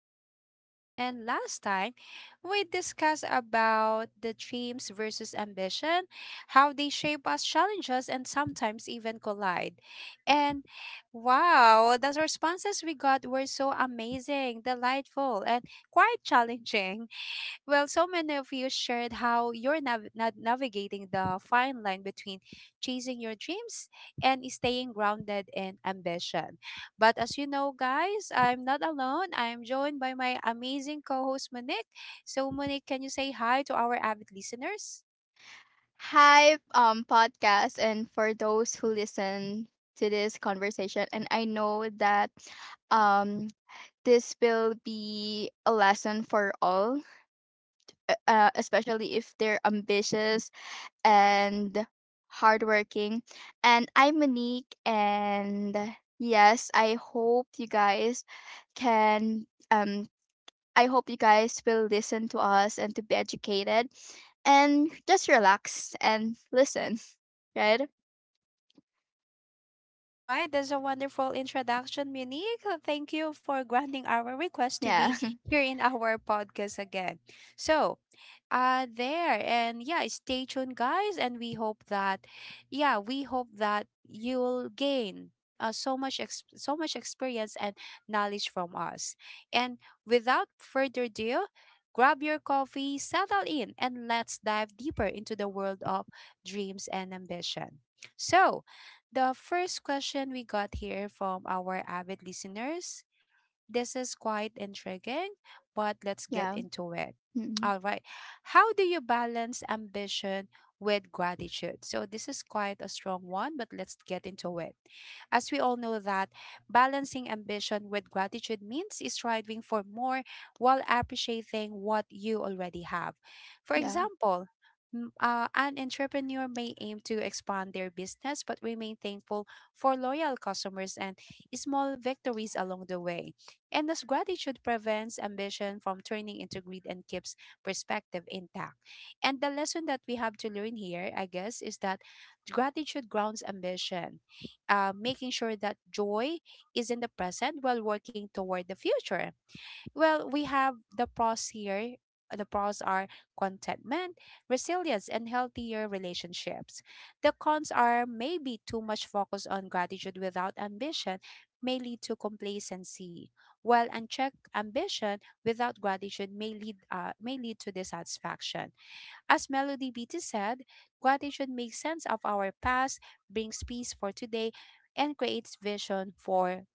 back, everyone. And last time, we discussed about the dreams versus ambition, how they shape us, challenge us, and sometimes even collide. And wow, the responses we got were so amazing, delightful, and quite challenging. Well, so many of you shared how you're navigating the fine line between chasing your dreams and staying grounded in ambition. But as you know, guys, I'm not alone. I'm joined by my amazing co host, Monique. So, Monique, can you say hi to our avid listeners? Hi, podcast, and for those who listen to this conversation, and I know that um, this will be a lesson for all, especially if they're ambitious and hardworking. And I'm Monique, and yes, I hope you guys can. I hope you guys will listen to us and to be educated, and just relax and listen. Right? All right, that's a wonderful introduction, Monique. Thank you for granting our request to Yeah. be here in our podcast again. So, there and yeah, stay tuned guys, and we hope that yeah, we hope that you'll gain so much so much experience and knowledge from us. And without further ado, grab your coffee, settle in, and let's dive deeper into the world of dreams and ambition. So the first question we got here from our avid listeners, this is quite intriguing, but let's Yeah. get into it. Mhm. All right. How do you balance ambition with gratitude? So this is quite a strong one, but let's get into it. As we all know that balancing ambition with gratitude means striving for more while appreciating what you already have. For Yeah. example, an entrepreneur may aim to expand their business but remain thankful for loyal customers and small victories along the way. And thus, gratitude prevents ambition from turning into greed and keeps perspective intact. And the lesson that we have to learn here, I guess, is that gratitude grounds ambition, making sure that joy is in the present while working toward the future. Well, we have the pros here. The pros are contentment, resilience, and healthier relationships. The cons are maybe too much focus on gratitude without ambition may lead to complacency, while unchecked ambition without gratitude may lead to dissatisfaction. As Melody Beattie said, gratitude makes sense of our past, brings peace for today, and creates vision for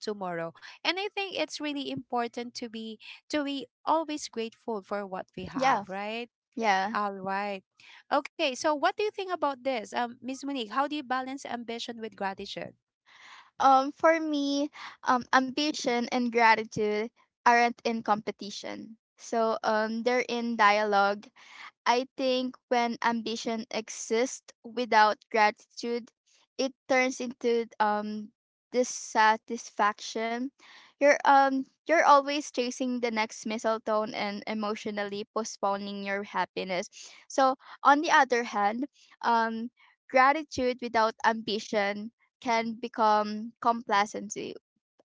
tomorrow. And I think it's really important to be always grateful for what we Yeah. have, right? Yeah. All right. Okay, so what do you think about this? Miss Monique, how do you balance ambition with gratitude? For me, ambition and gratitude aren't in competition. So they're in dialogue. I think when ambition exists without gratitude, it turns into dissatisfaction. You're you're always chasing the next mistletoe and emotionally postponing your happiness. So on the other hand, um gratitude without ambition can become complacency.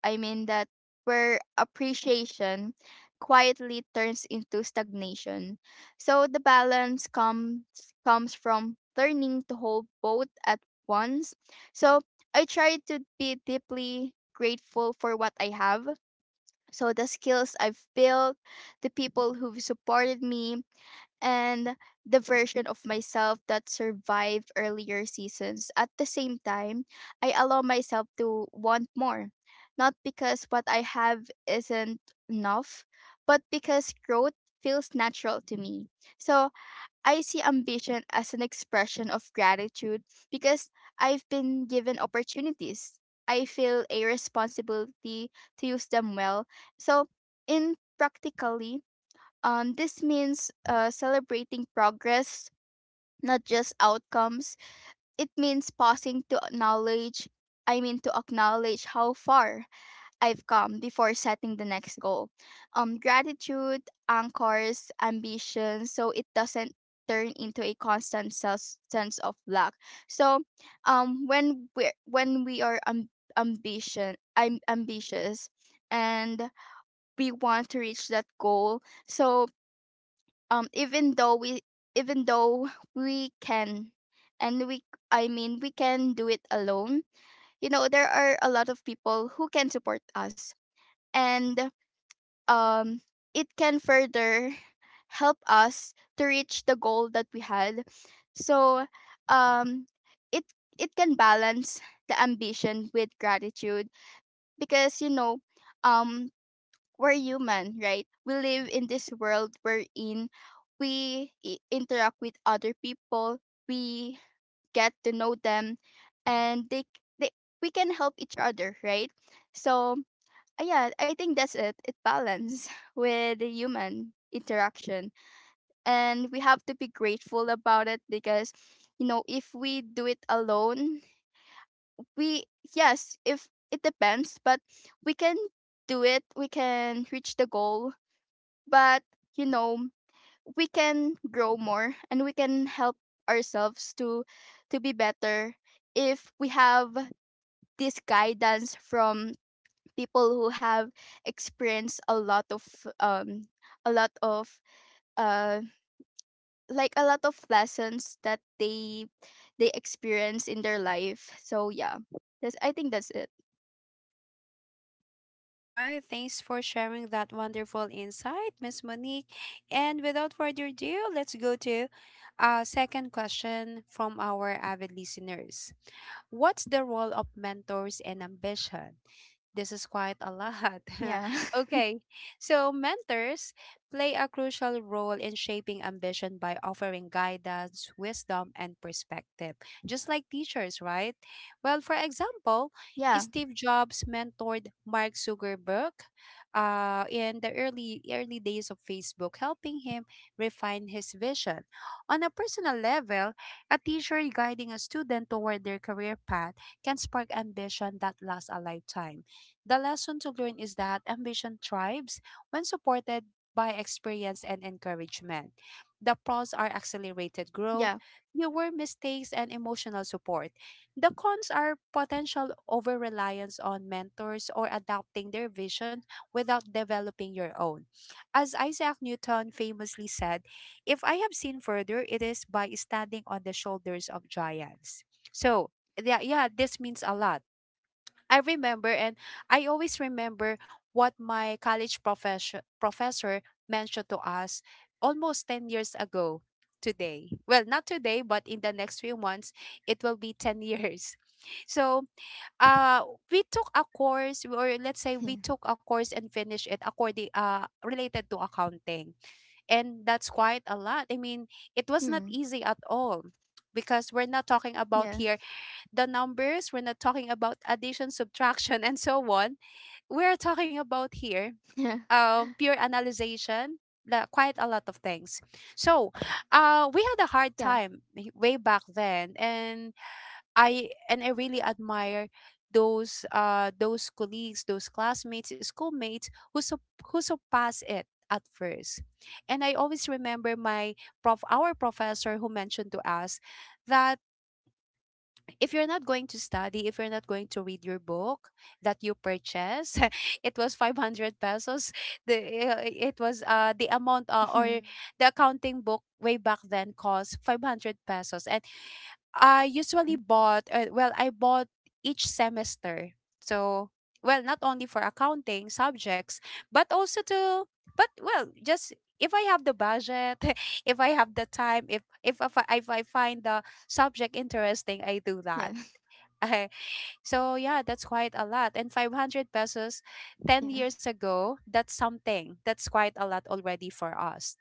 I mean that where appreciation quietly turns into stagnation. So the balance comes from learning to hold both at once. So I try to be deeply grateful for what I have. So the skills I've built, the people who've supported me, and the version of myself that survived earlier seasons. At the same time, I allow myself to want more, not because what I have isn't enough, but because growth feels natural to me. So I see ambition as an expression of gratitude because I've been given opportunities. I feel a responsibility to use them well. So, in practically, this means celebrating progress, not just outcomes. It means pausing to acknowledge, I mean, to acknowledge how far I've come before setting the next goal. Gratitude anchors ambition so it doesn't turn into a constant sense of lack. So when we are ambition, I'm ambitious and we want to reach that goal. So um even though we even though we can, and we I mean we can do it alone. You know, there are a lot of people who can support us, and um it can further help us to reach the goal that we had. So um it it can balance the ambition with gratitude, because you know, um we're human, right? We live in this world we're in. We interact with other people. We get to know them, and they, we can help each other, right? So yeah, I think that's it. It balance with the human interaction, and we have to be grateful about it because, you know, if we do it alone, we, yes, if it depends, but we can do it. We can reach the goal, but, you know, we can grow more and we can help ourselves to be better if we have this guidance from people who have experienced um a lot of uh like a lot of lessons that they experience in their life. So yeah, that's I think that's it. All right, thanks for sharing that wonderful insight, Miss Monique. And without further ado, let's go to a second question from our avid listeners. What's the role of mentors and ambition? This is quite a lot. Yeah. Okay, so mentors play a crucial role in shaping ambition by offering guidance, wisdom, and perspective, just like teachers, right? Well, for example, Yeah. Steve Jobs mentored Mark Zuckerberg in the early days of Facebook, helping him refine his vision. On a personal level, a teacher guiding a student toward their career path can spark ambition that lasts a lifetime. The lesson to learn is that ambition thrives when supported by experience and encouragement. Yeah. The pros are accelerated growth, fewer mistakes, and emotional support. The cons are potential over reliance on mentors or adopting their vision without developing your own. As Isaac Newton famously said, if I have seen further, it is by standing on the shoulders of giants. So, yeah, yeah, this means a lot. I remember and I always remember what my college professor mentioned to us almost 10 years ago today. Well, not today, but in the next few months it will be 10 years. So, uh we took a course, or let's say we took a course and finished it according related to accounting. And Hmm. that's quite a lot. I mean, it was not easy at Yeah. all because we're not talking about here the numbers. We're not talking about addition, subtraction, and so on. Yeah. We're talking about here pure analyzation, quite a lot of things. So Yeah. We had a hard time way back then, and I really admire those colleagues those classmates, schoolmates who who surpass it at first. And I always remember my prof our professor, who mentioned to us that if you're not going to study, if you're not going to read your book that you purchase, it was 500 pesos. Mhm. The It was the amount, or the accounting book way back then cost 500 pesos. And I usually bought well, I bought each semester. So, well, not only for accounting subjects, but also to, but well, just if I have the budget, if I have the time, Yeah. if I find the subject interesting, I do that. So yeah, that's quite a Yeah. lot. And 500 pesos 10 years ago, that's something. That's quite a lot already for us.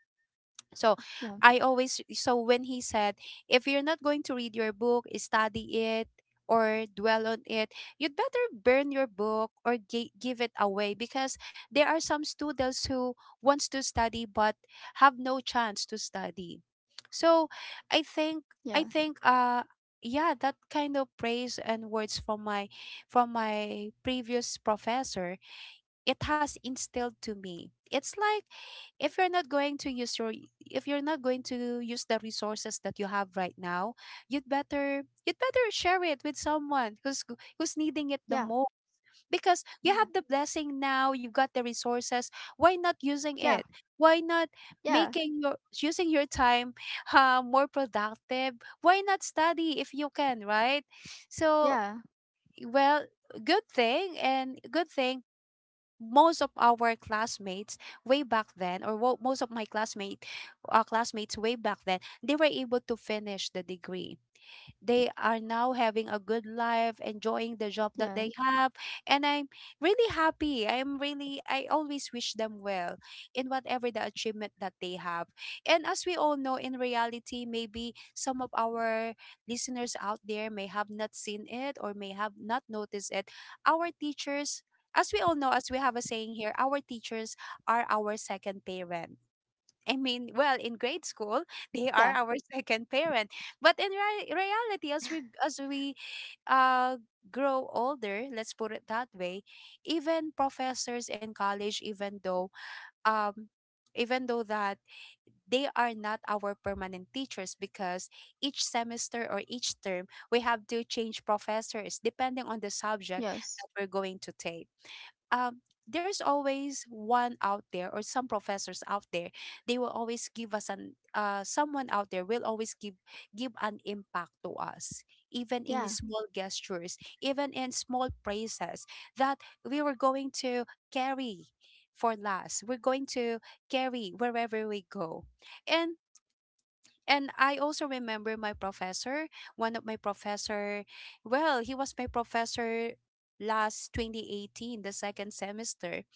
So I always, so when he said, if you're not going to read your book, study it or dwell on it, you'd better burn your book or give it away because there are some students who wants to study but have no chance to study. So Yeah. Yeah. I Yeah. think I think yeah, that kind of praise and words from my previous professor, it has instilled to me it's like, if you're not going to use your, if you're not going to use the resources that you have right now, you'd better share it with someone who's needing it the most, because you have the blessing now, you've got the resources. Why not using Yeah. it? Why not Yeah. making your, using your time more productive? Why not study if you can, right? So, Yeah. well, good thing, and good thing most of our classmates way back then, or most of my classmates way back then, they were able to finish the degree. They are now having a Yeah. good Yeah. life, enjoying the job that they have. And I'm really happy. I always wish them well in whatever the achievement that they have. And as we all know, in reality, maybe some of our listeners out there may have not seen it or may have not noticed it. Our teachers, as we all know, as we have a saying here, our teachers are our second parent. I mean, well, in grade Yeah. school, they are our second parent. But in reality, as we uh, grow older, let's put it that way, even professors in college, um, even though that they are not our permanent teachers, because each semester or each term we have to change professors depending on the subject Yes. that we're going to take, um, there's always one out there or some professors out there, they will always give us an someone out there will always give an impact to us, even in Yeah. small gestures, even in small praises that we were going to carry we're going to carry wherever we go. and and I also remember my professor, one of my professor, well, he was my professor last 2018, the second semester.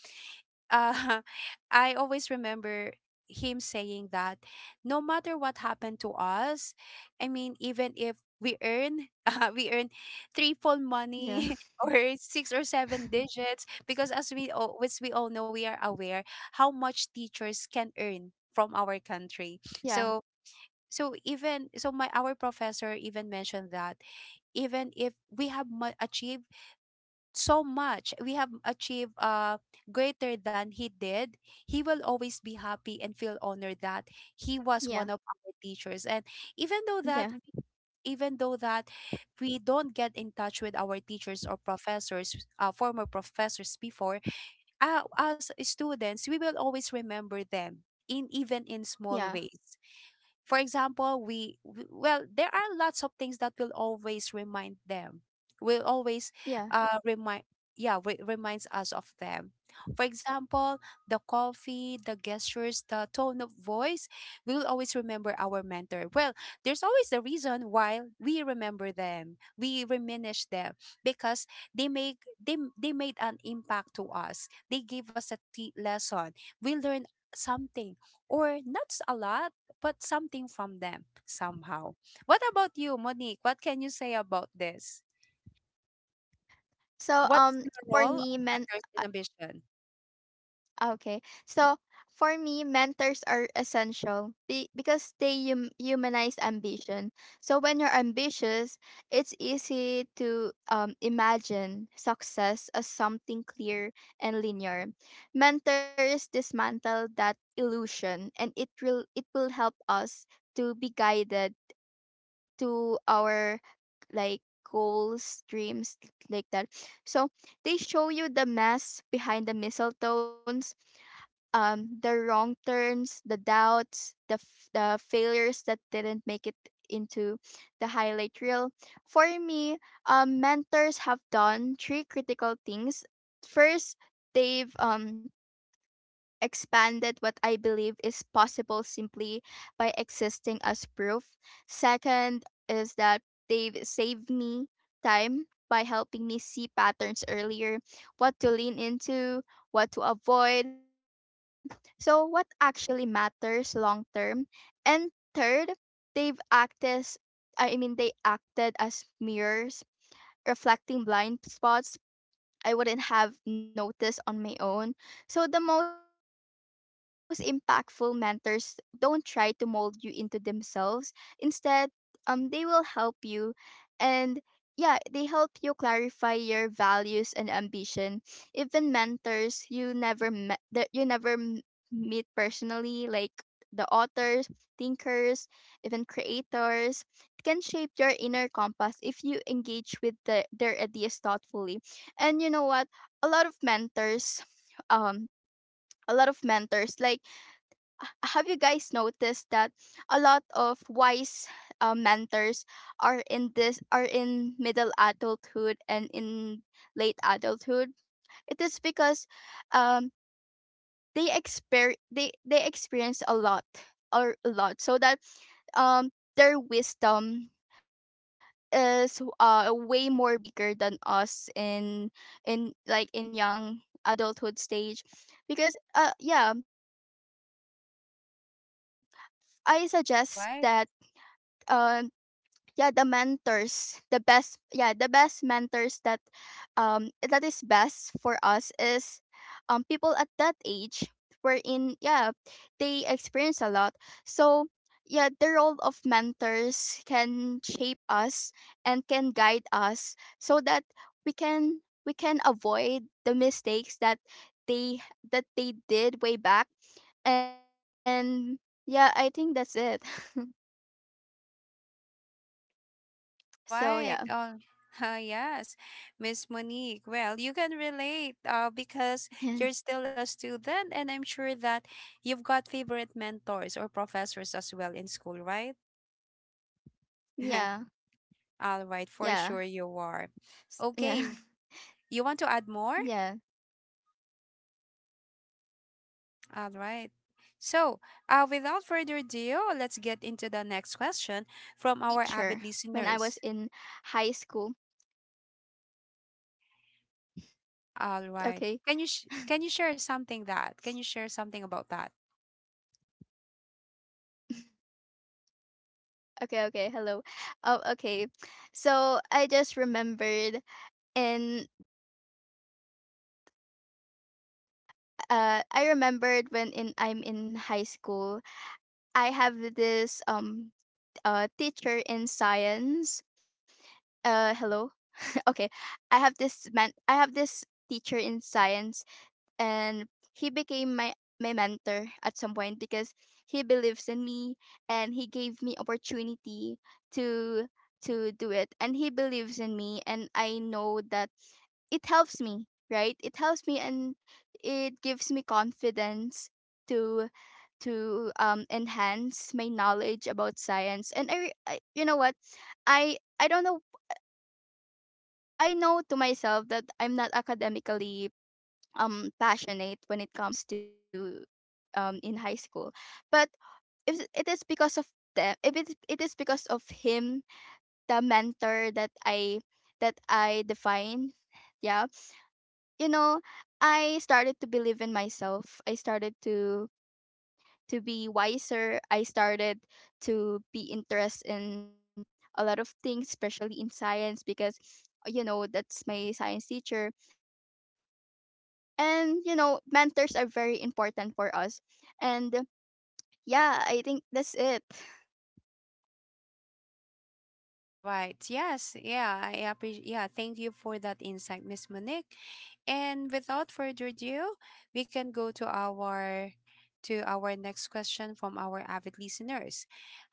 uh, I always remember him saying that no matter what happened to us, I mean, even if we earn, we earn threefold Yeah. money or six or seven digits, because as we all know, we are aware how much teachers can earn from our country. So, Yeah. so even so, my our professor even mentioned that even if we have achieved so much. We have achieved greater than he did. He will always be happy and feel honored that he was Yeah. one of our teachers. And even though that, we, Yeah. even though that we don't get in touch with our teachers or professors, former professors before, as students, we will always remember them in, even in small Yeah. ways. For example, well, there are lots of things that will always remind them. Will always Yeah. Remind yeah, reminds us of them. For example, the coffee, the gestures, the tone of voice, we will always remember our mentor. Well, there's always a reason why we remember them. We reminisce them because they make they made an impact to us. They gave us a lesson. We learn something or not s- a lot, but something from them somehow. What about you, Monique? What can you say about this? So What's the for role of me men mentors in ambition? Okay. So for me, mentors are essential because they humanize ambition. So when you're ambitious, it's easy to imagine success as something clear and linear. Mentors dismantle that illusion, and it will help us to be guided to our like goals, dreams, like that. So they show you the mess behind the mistletoes, the wrong turns, the doubts, the failures that didn't make it into the highlight reel. For me, mentors have done three critical things. First, they've expanded what I believe is possible simply by existing as proof. Second is that they've saved me time by helping me see patterns earlier, what to lean into, what to avoid, so what actually matters long term. And third, they've acted as they acted as mirrors reflecting blind spots I wouldn't have noticed on my own. So the most impactful mentors don't try to mold you into themselves. Instead, they will help you, and yeah, they help you clarify your values and ambition. Even mentors you never met, that you never m- meet personally, like the authors, thinkers, even creators, can shape your inner compass if you engage with their ideas thoughtfully. And you know what, a lot of mentors um a lot of mentors like h- have you guys noticed that a lot of wise mentors are in middle adulthood and in late adulthood? It is because they exper they experience a lot, or a lot, so that um their wisdom is way more bigger than us in like in young adulthood stage. Because yeah, I suggest that um All right. yeah, the mentors the best yeah, the best mentors that that is best for us is people at that age wherein, yeah, they experience a lot. So yeah, the role of mentors can shape us and can guide us so that we can, we can avoid the mistakes they that they did way back. And yeah, I think that's it. So All yeah. right. All yes, Miss Monique. Well, you can Yeah, relate because you're still a student, and I'm sure that you've got favorite mentors or professors as well in school, right? yeah, yeah, All right, for sure you yeah, are. Okay, yeah. you want to add more? Oh, All yeah. I right. remember So, that I without have further this ado, let's teacher get into when the I was next in question high from our school. avid listeners. Okay, All right. Can you share something that? Can you share something about that? Okay. Hello. Oh, okay. So I just remembered in about mentors is that I remembered when in I'm in high school, I have this teacher in science. Hello, okay. I have this teacher in science, and he became my mentor at some point because he believes in me and he gave me opportunity to to do it, and he believes in me, and I know that it helps me, right, it helps me, and it gives me confidence to to enhance my knowledge about science. And I, you know what, I don't know. I know to myself that I'm not academically passionate when it comes to in high school. But if it is because of them, if it it is because of him, the mentor that I define, yeah, you know, I started to believe in myself. I started to be wiser. I started to be interested in a lot of things, especially in science, because, you know, that's my science teacher. And, you know, mentors are very important for us. And yeah, I think that's it. All right. Yes. Yeah. I appreciate. Yeah. Thank you for that insight, Miss Monique. And without further ado, we can go to our next question from our avid listeners.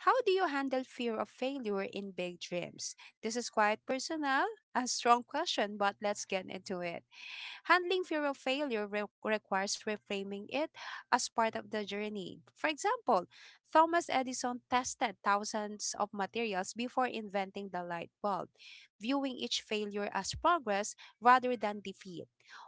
How do you handle fear of failure in big dreams? This is quite personal, a strong question, but let's get into it. Handling fear of failure requires reframing it as part of the journey. For example, Thomas Edison tested thousands of materials before inventing the light bulb, viewing each failure as progress rather than defeat.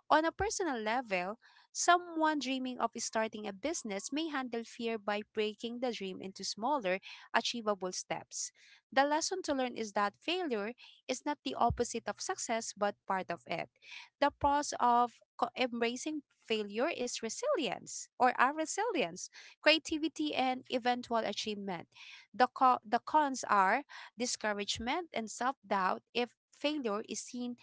On a personal level, someone dreaming of starting a business may handle fear by breaking the dream into smaller, achievable steps. The lesson to learn is that failure is not the opposite of success but part of it. The pros of embracing failure is resilience or our resilience, creativity and eventual achievement. The cons are discouragement and self-doubt if failure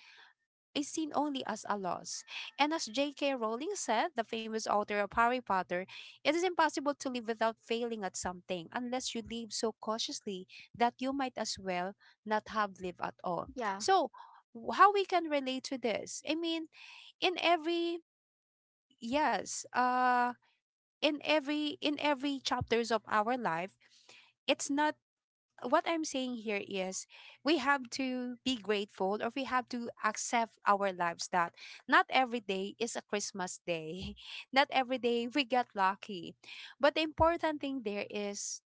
is seen only as a loss. And as J.K. Rowling said, the famous author of Harry Potter, it is impossible to live without failing at something unless you live so cautiously that you might as well not have lived at Yeah, all. So, how we can relate to this? I mean, in every yes, in every chapters of our life, it's not, what I'm saying here is, we have to be grateful or we have to accept our lives that not every day is a Christmas day. Not every day we get lucky. But the yeah, important thing there is,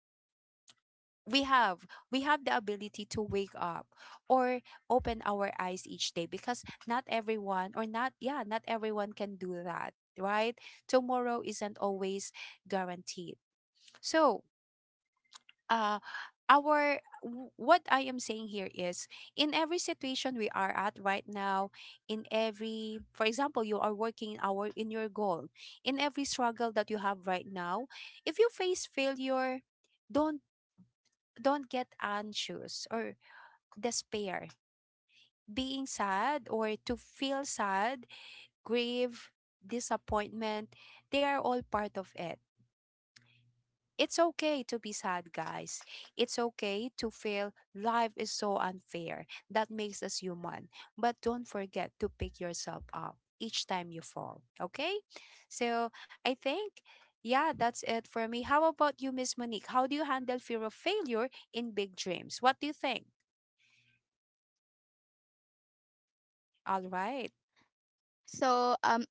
we have we have the ability to wake up or open our eyes each day because not everyone or not yeah, not everyone can do that, right? Tomorrow isn't always guaranteed. So uh what I am saying here is, in every situation we are at right now, in every, for example, you are working in our in your goal, in every struggle that you have right now, if you face failure, don't don't get anxious or despair. Being sad or to feel sad, grief, disappointment, they are all part of it. It's okay to be sad, guys. It's okay to feel life is so unfair. That makes us human. But don't forget to pick yourself up each time you fall, okay? yeah. So I think, yeah, that's it for me. How about you, Miss Monique? How do you handle fear of failure in big dreams? What do you think? So, All I've right. learned that fear is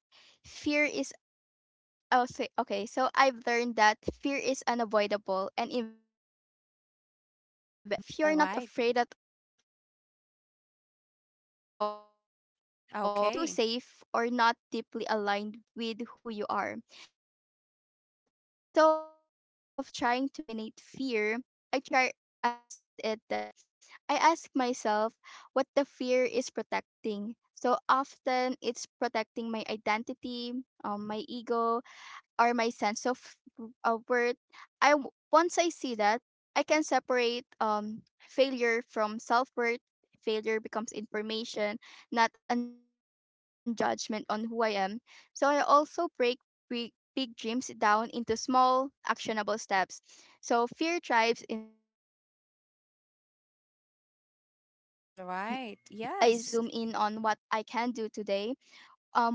Oh, say, okay. So I've learned that fear is unavoidable and inevitable when the dream actually matters. So if All you're not right. afraid at all, it usually means the goal is either too Okay. safe or not deeply aligned with who you are. So instead of trying to eliminate fear, I try to understand it, that I ask myself what the fear is protecting. So often it's protecting my identity, my ego, or my sense of worth. Once I see that, I can separate failure from self worth. Failure becomes information, not a judgment on who I am. So I also break big, big dreams down into small, actionable steps. So fear thrives in abstraction. When a dream feels All overwhelming, right. I Yes. zoom in on what I can do today.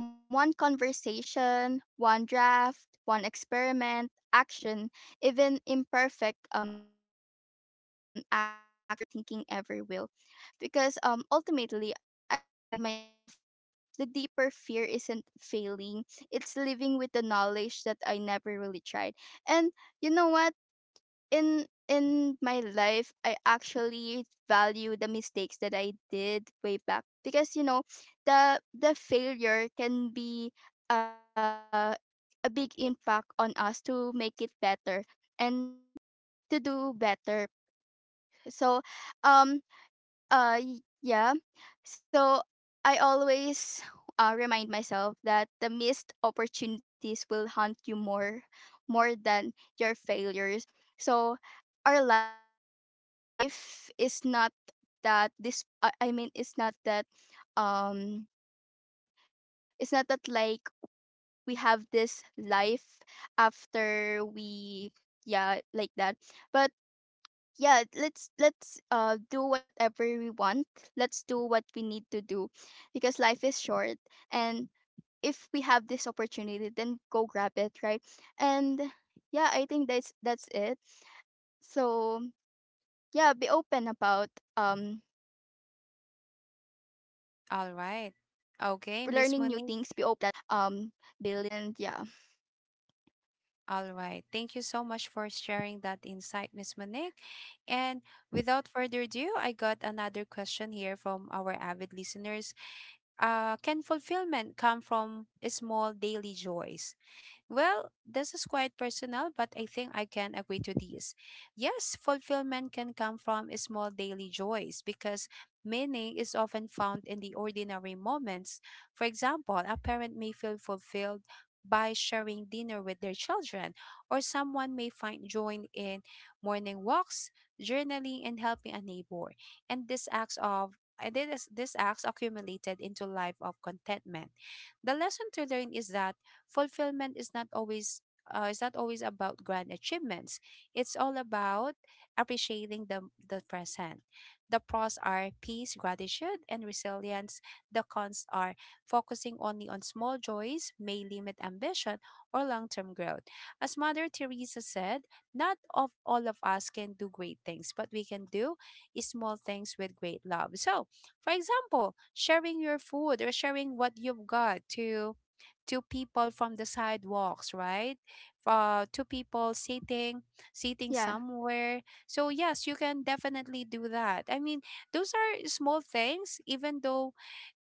One conversation, one draft, one experiment, action, even imperfect action, quiets fear more effectively than overthinking ever will. Because ultimately, I remind myself that the deeper fear isn't failing, it's living with the knowledge that I never really tried. And you know what? In my life, I actually value the mistakes that I did way back, because, you know, the failure can be uh, a big impact on us to make it better and to do better. So um yeah. So I always remind myself that the missed opportunities will haunt you more, more than your failures. So our life is not that this. I mean, it's not that. Um, it's not that like we have this life after we, yeah, like that, but yeah, let's do whatever we want. Let's do what we need to do, because life is short, and if we have this opportunity, then go grab it, right? And yeah, I think that's it. So yeah, be open about um learning new things, be open All about right. um Okay, Miss the Monique. unfamiliar feeling that we've been dealing. All And right. yeah, Thank you so much for sharing that insight, Miss Monique. And without further ado, I got another question here from our avid listeners. Can fulfillment come from small daily joys? Well, this is quite personal, but I think I can agree to this. Yes, fulfillment can come from small daily joys because meaning is often found in the ordinary moments. For example, a parent may feel fulfilled by sharing dinner with their children, or someone may find joy in morning walks, journaling, and helping a neighbor. And these acts of and then this acts accumulated into life of contentment. The lesson to learn is that fulfillment is not always about grand achievements. okay. It's all about appreciating the present. The pros are peace, gratitude, and resilience. The cons are, focusing only on small joys may limit ambition or long-term growth. As Mother Teresa said, not of all of us can do great things, but we can do small things with great love. So for example, sharing your food or sharing what you've got to two people from the sidewalks, right? Two people sitting Yeah. somewhere. So yes, you can definitely do that. I mean, those are small things, even though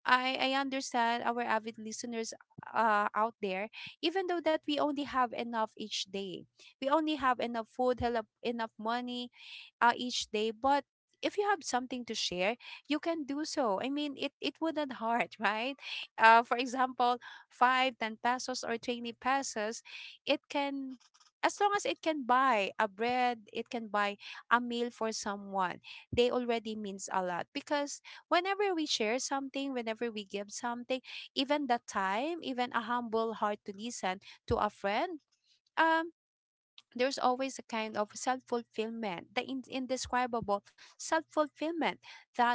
I understand our avid listeners out there. Even though that we only have enough each day, we only have enough food, enough money, each day. But if you have something to share, you can do so. I mean, it wouldn't hurt, right? Uh, for example, 5, 10 pesos or 20 pesos. It can, as long as it can buy a bread, it can buy a meal for someone, they already means a lot. Because whenever we share something, whenever we give something, even the time, even a humble heart to listen to a friend, um, there's always a kind of self fulfillment, the indescribable self fulfillment that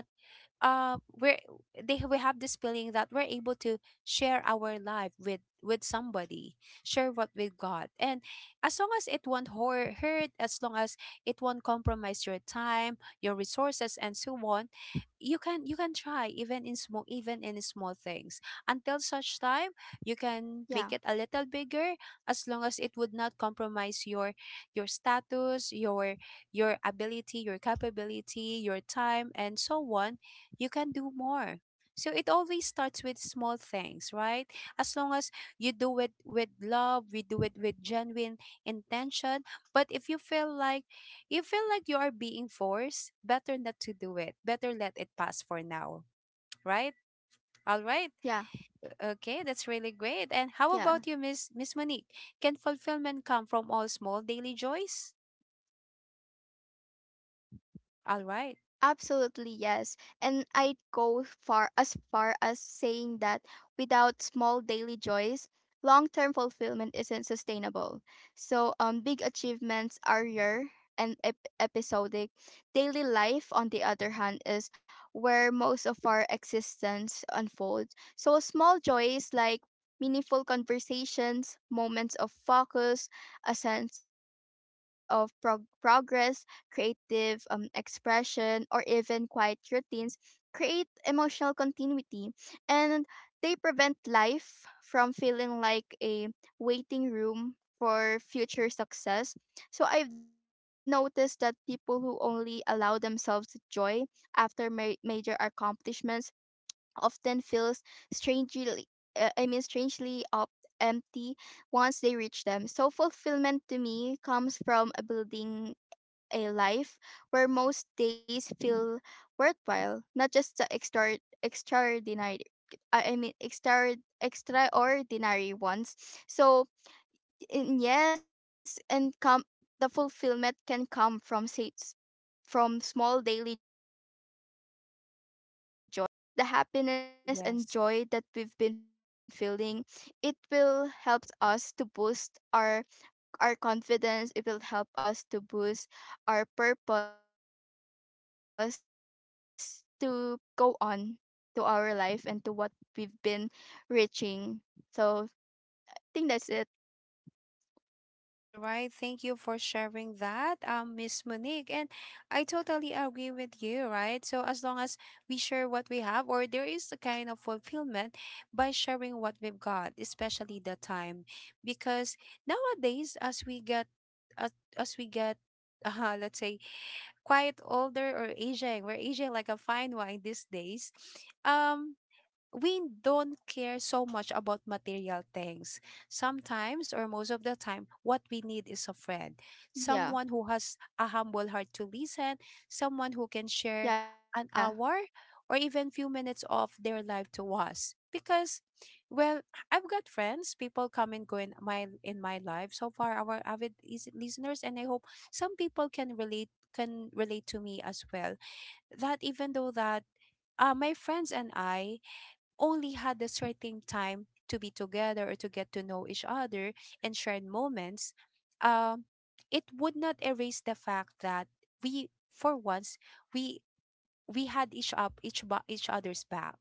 uh we're we have this feeling that we're able to share our life with somebody, share what we've got. And as long as it won't hor- hurt, as long as it won't compromise your time, your resources and so on, you can try, even in small, things. Until such time you can make it a little Yeah. bigger, as long as it would not compromise your status, your ability, your capability, your time and so on, you can do more. So it always starts with small things, right? As long as you do it with love, we do it with genuine intention. But if you feel like, you feel like you are being forced, better not to do it. Better let it pass for now, right? All right. Yeah. Okay, that's really great. And how Yeah. about you, Miss Monique? Can fulfillment come from all small daily joys? All right. Absolutely, yes. And I'd go far as saying that without small daily joys, long-term fulfillment isn't sustainable. So, big achievements are rare and episodic. Daily life, on the other hand, is where most of our existence unfolds. So, small joys like meaningful conversations, moments of focus, a sense of progress, creative expression, or even quiet routines create emotional continuity, and they prevent life from feeling like a waiting room for future success. So I've noticed that people who only allow themselves joy after major accomplishments often feels strangely, I mean strangely up empty once they reach them. So fulfillment to me comes from building a life where most days feel worthwhile, not just the extra extraordinary I mean extra extraordinary ones. So in, yes, and come the fulfillment can come from say, from small daily joys, because, you know, we need joy. You know, that's the Yes. happiness and joy that we've been feeling. It will help us to boost our confidence. It will help us to boost our purpose to go on to our life and to what we've been reaching. So I think that's it. All right, thank you for sharing that, Miss Monique. And I totally agree with you, right? So as long as we share what we have, or there is a kind of fulfillment by sharing what we've got, especially the time. Because nowadays, as, as we get, let's say, quite older or aging, we're aging like a fine wine these days. Um, we Yeah. don't care so much about material things. Sometimes, or most of the time, what we need is a friend, someone who Yeah. has a humble heart to listen, Yeah. someone who can share an hour or even few minutes of their life to us. Because, well, I've got friends, people come and go in my life. So far, our avid listeners, and I hope some people can relate to me as well. That even though that my friends and I only had a certain time to be together or to get to know each other and shared moments, Yeah. um, it would not erase the fact that we, for once, we we had each up each ba- each other's back.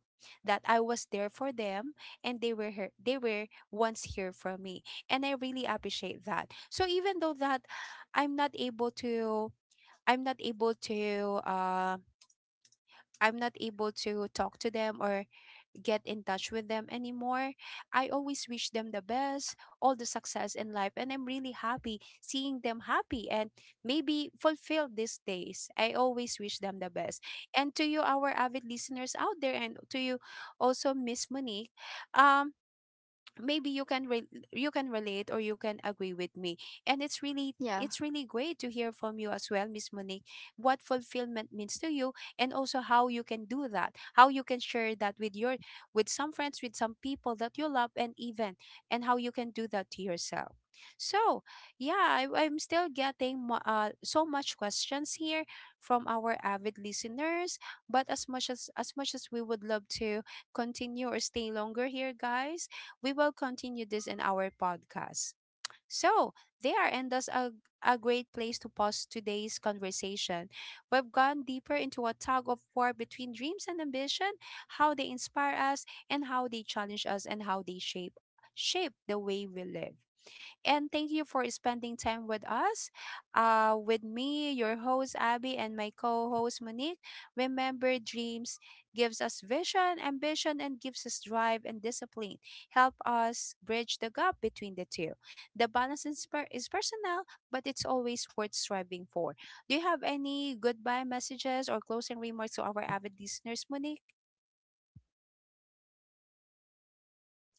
That I was there for them, and they were here. They were once here for me, and I really appreciate that. So even though that I'm not able to, I'm not able to, I'm not able to talk to them or get in touch with them anymore. I always wish them the best, all the success in life, and I'm really happy seeing them happy and maybe Yeah. fulfilled these days. I always wish them the best. And to you, our avid listeners out there, and to you also, Miss Monique, um, maybe you can you can relate or you can agree with me. And it's really Yeah. great to hear from you as well, Miss Monique, what fulfillment means to you and also how you can do that, how you can share that with your, with some friends, with some people that you love. And even, and how you can do that to yourself. So yeah, I'm still getting so much questions here from our avid listeners. But as much as we would love to continue or stay longer here, guys, we will continue this in our podcast. So, there, and that's a great place to pause today's conversation. We've gone deeper into a tug of war between dreams and ambition, how they inspire us, and how they challenge us, and how they shape the way we live. And thank you for spending time with us. With me, your host Abby, and my co-host Monique. Remember, dreams gives us vision, ambition, and gives us drive and discipline. Help us bridge the gap between the two. The balance is, is personal, but it's always worth striving for. Do you have any goodbye messages or closing remarks to our avid listeners, Monique?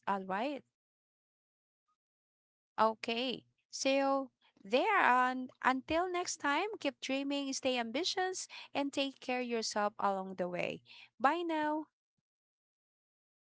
All right. Okay. So there, and until next time, keep dreaming, stay ambitious, and take care yourself along the way. Bye now.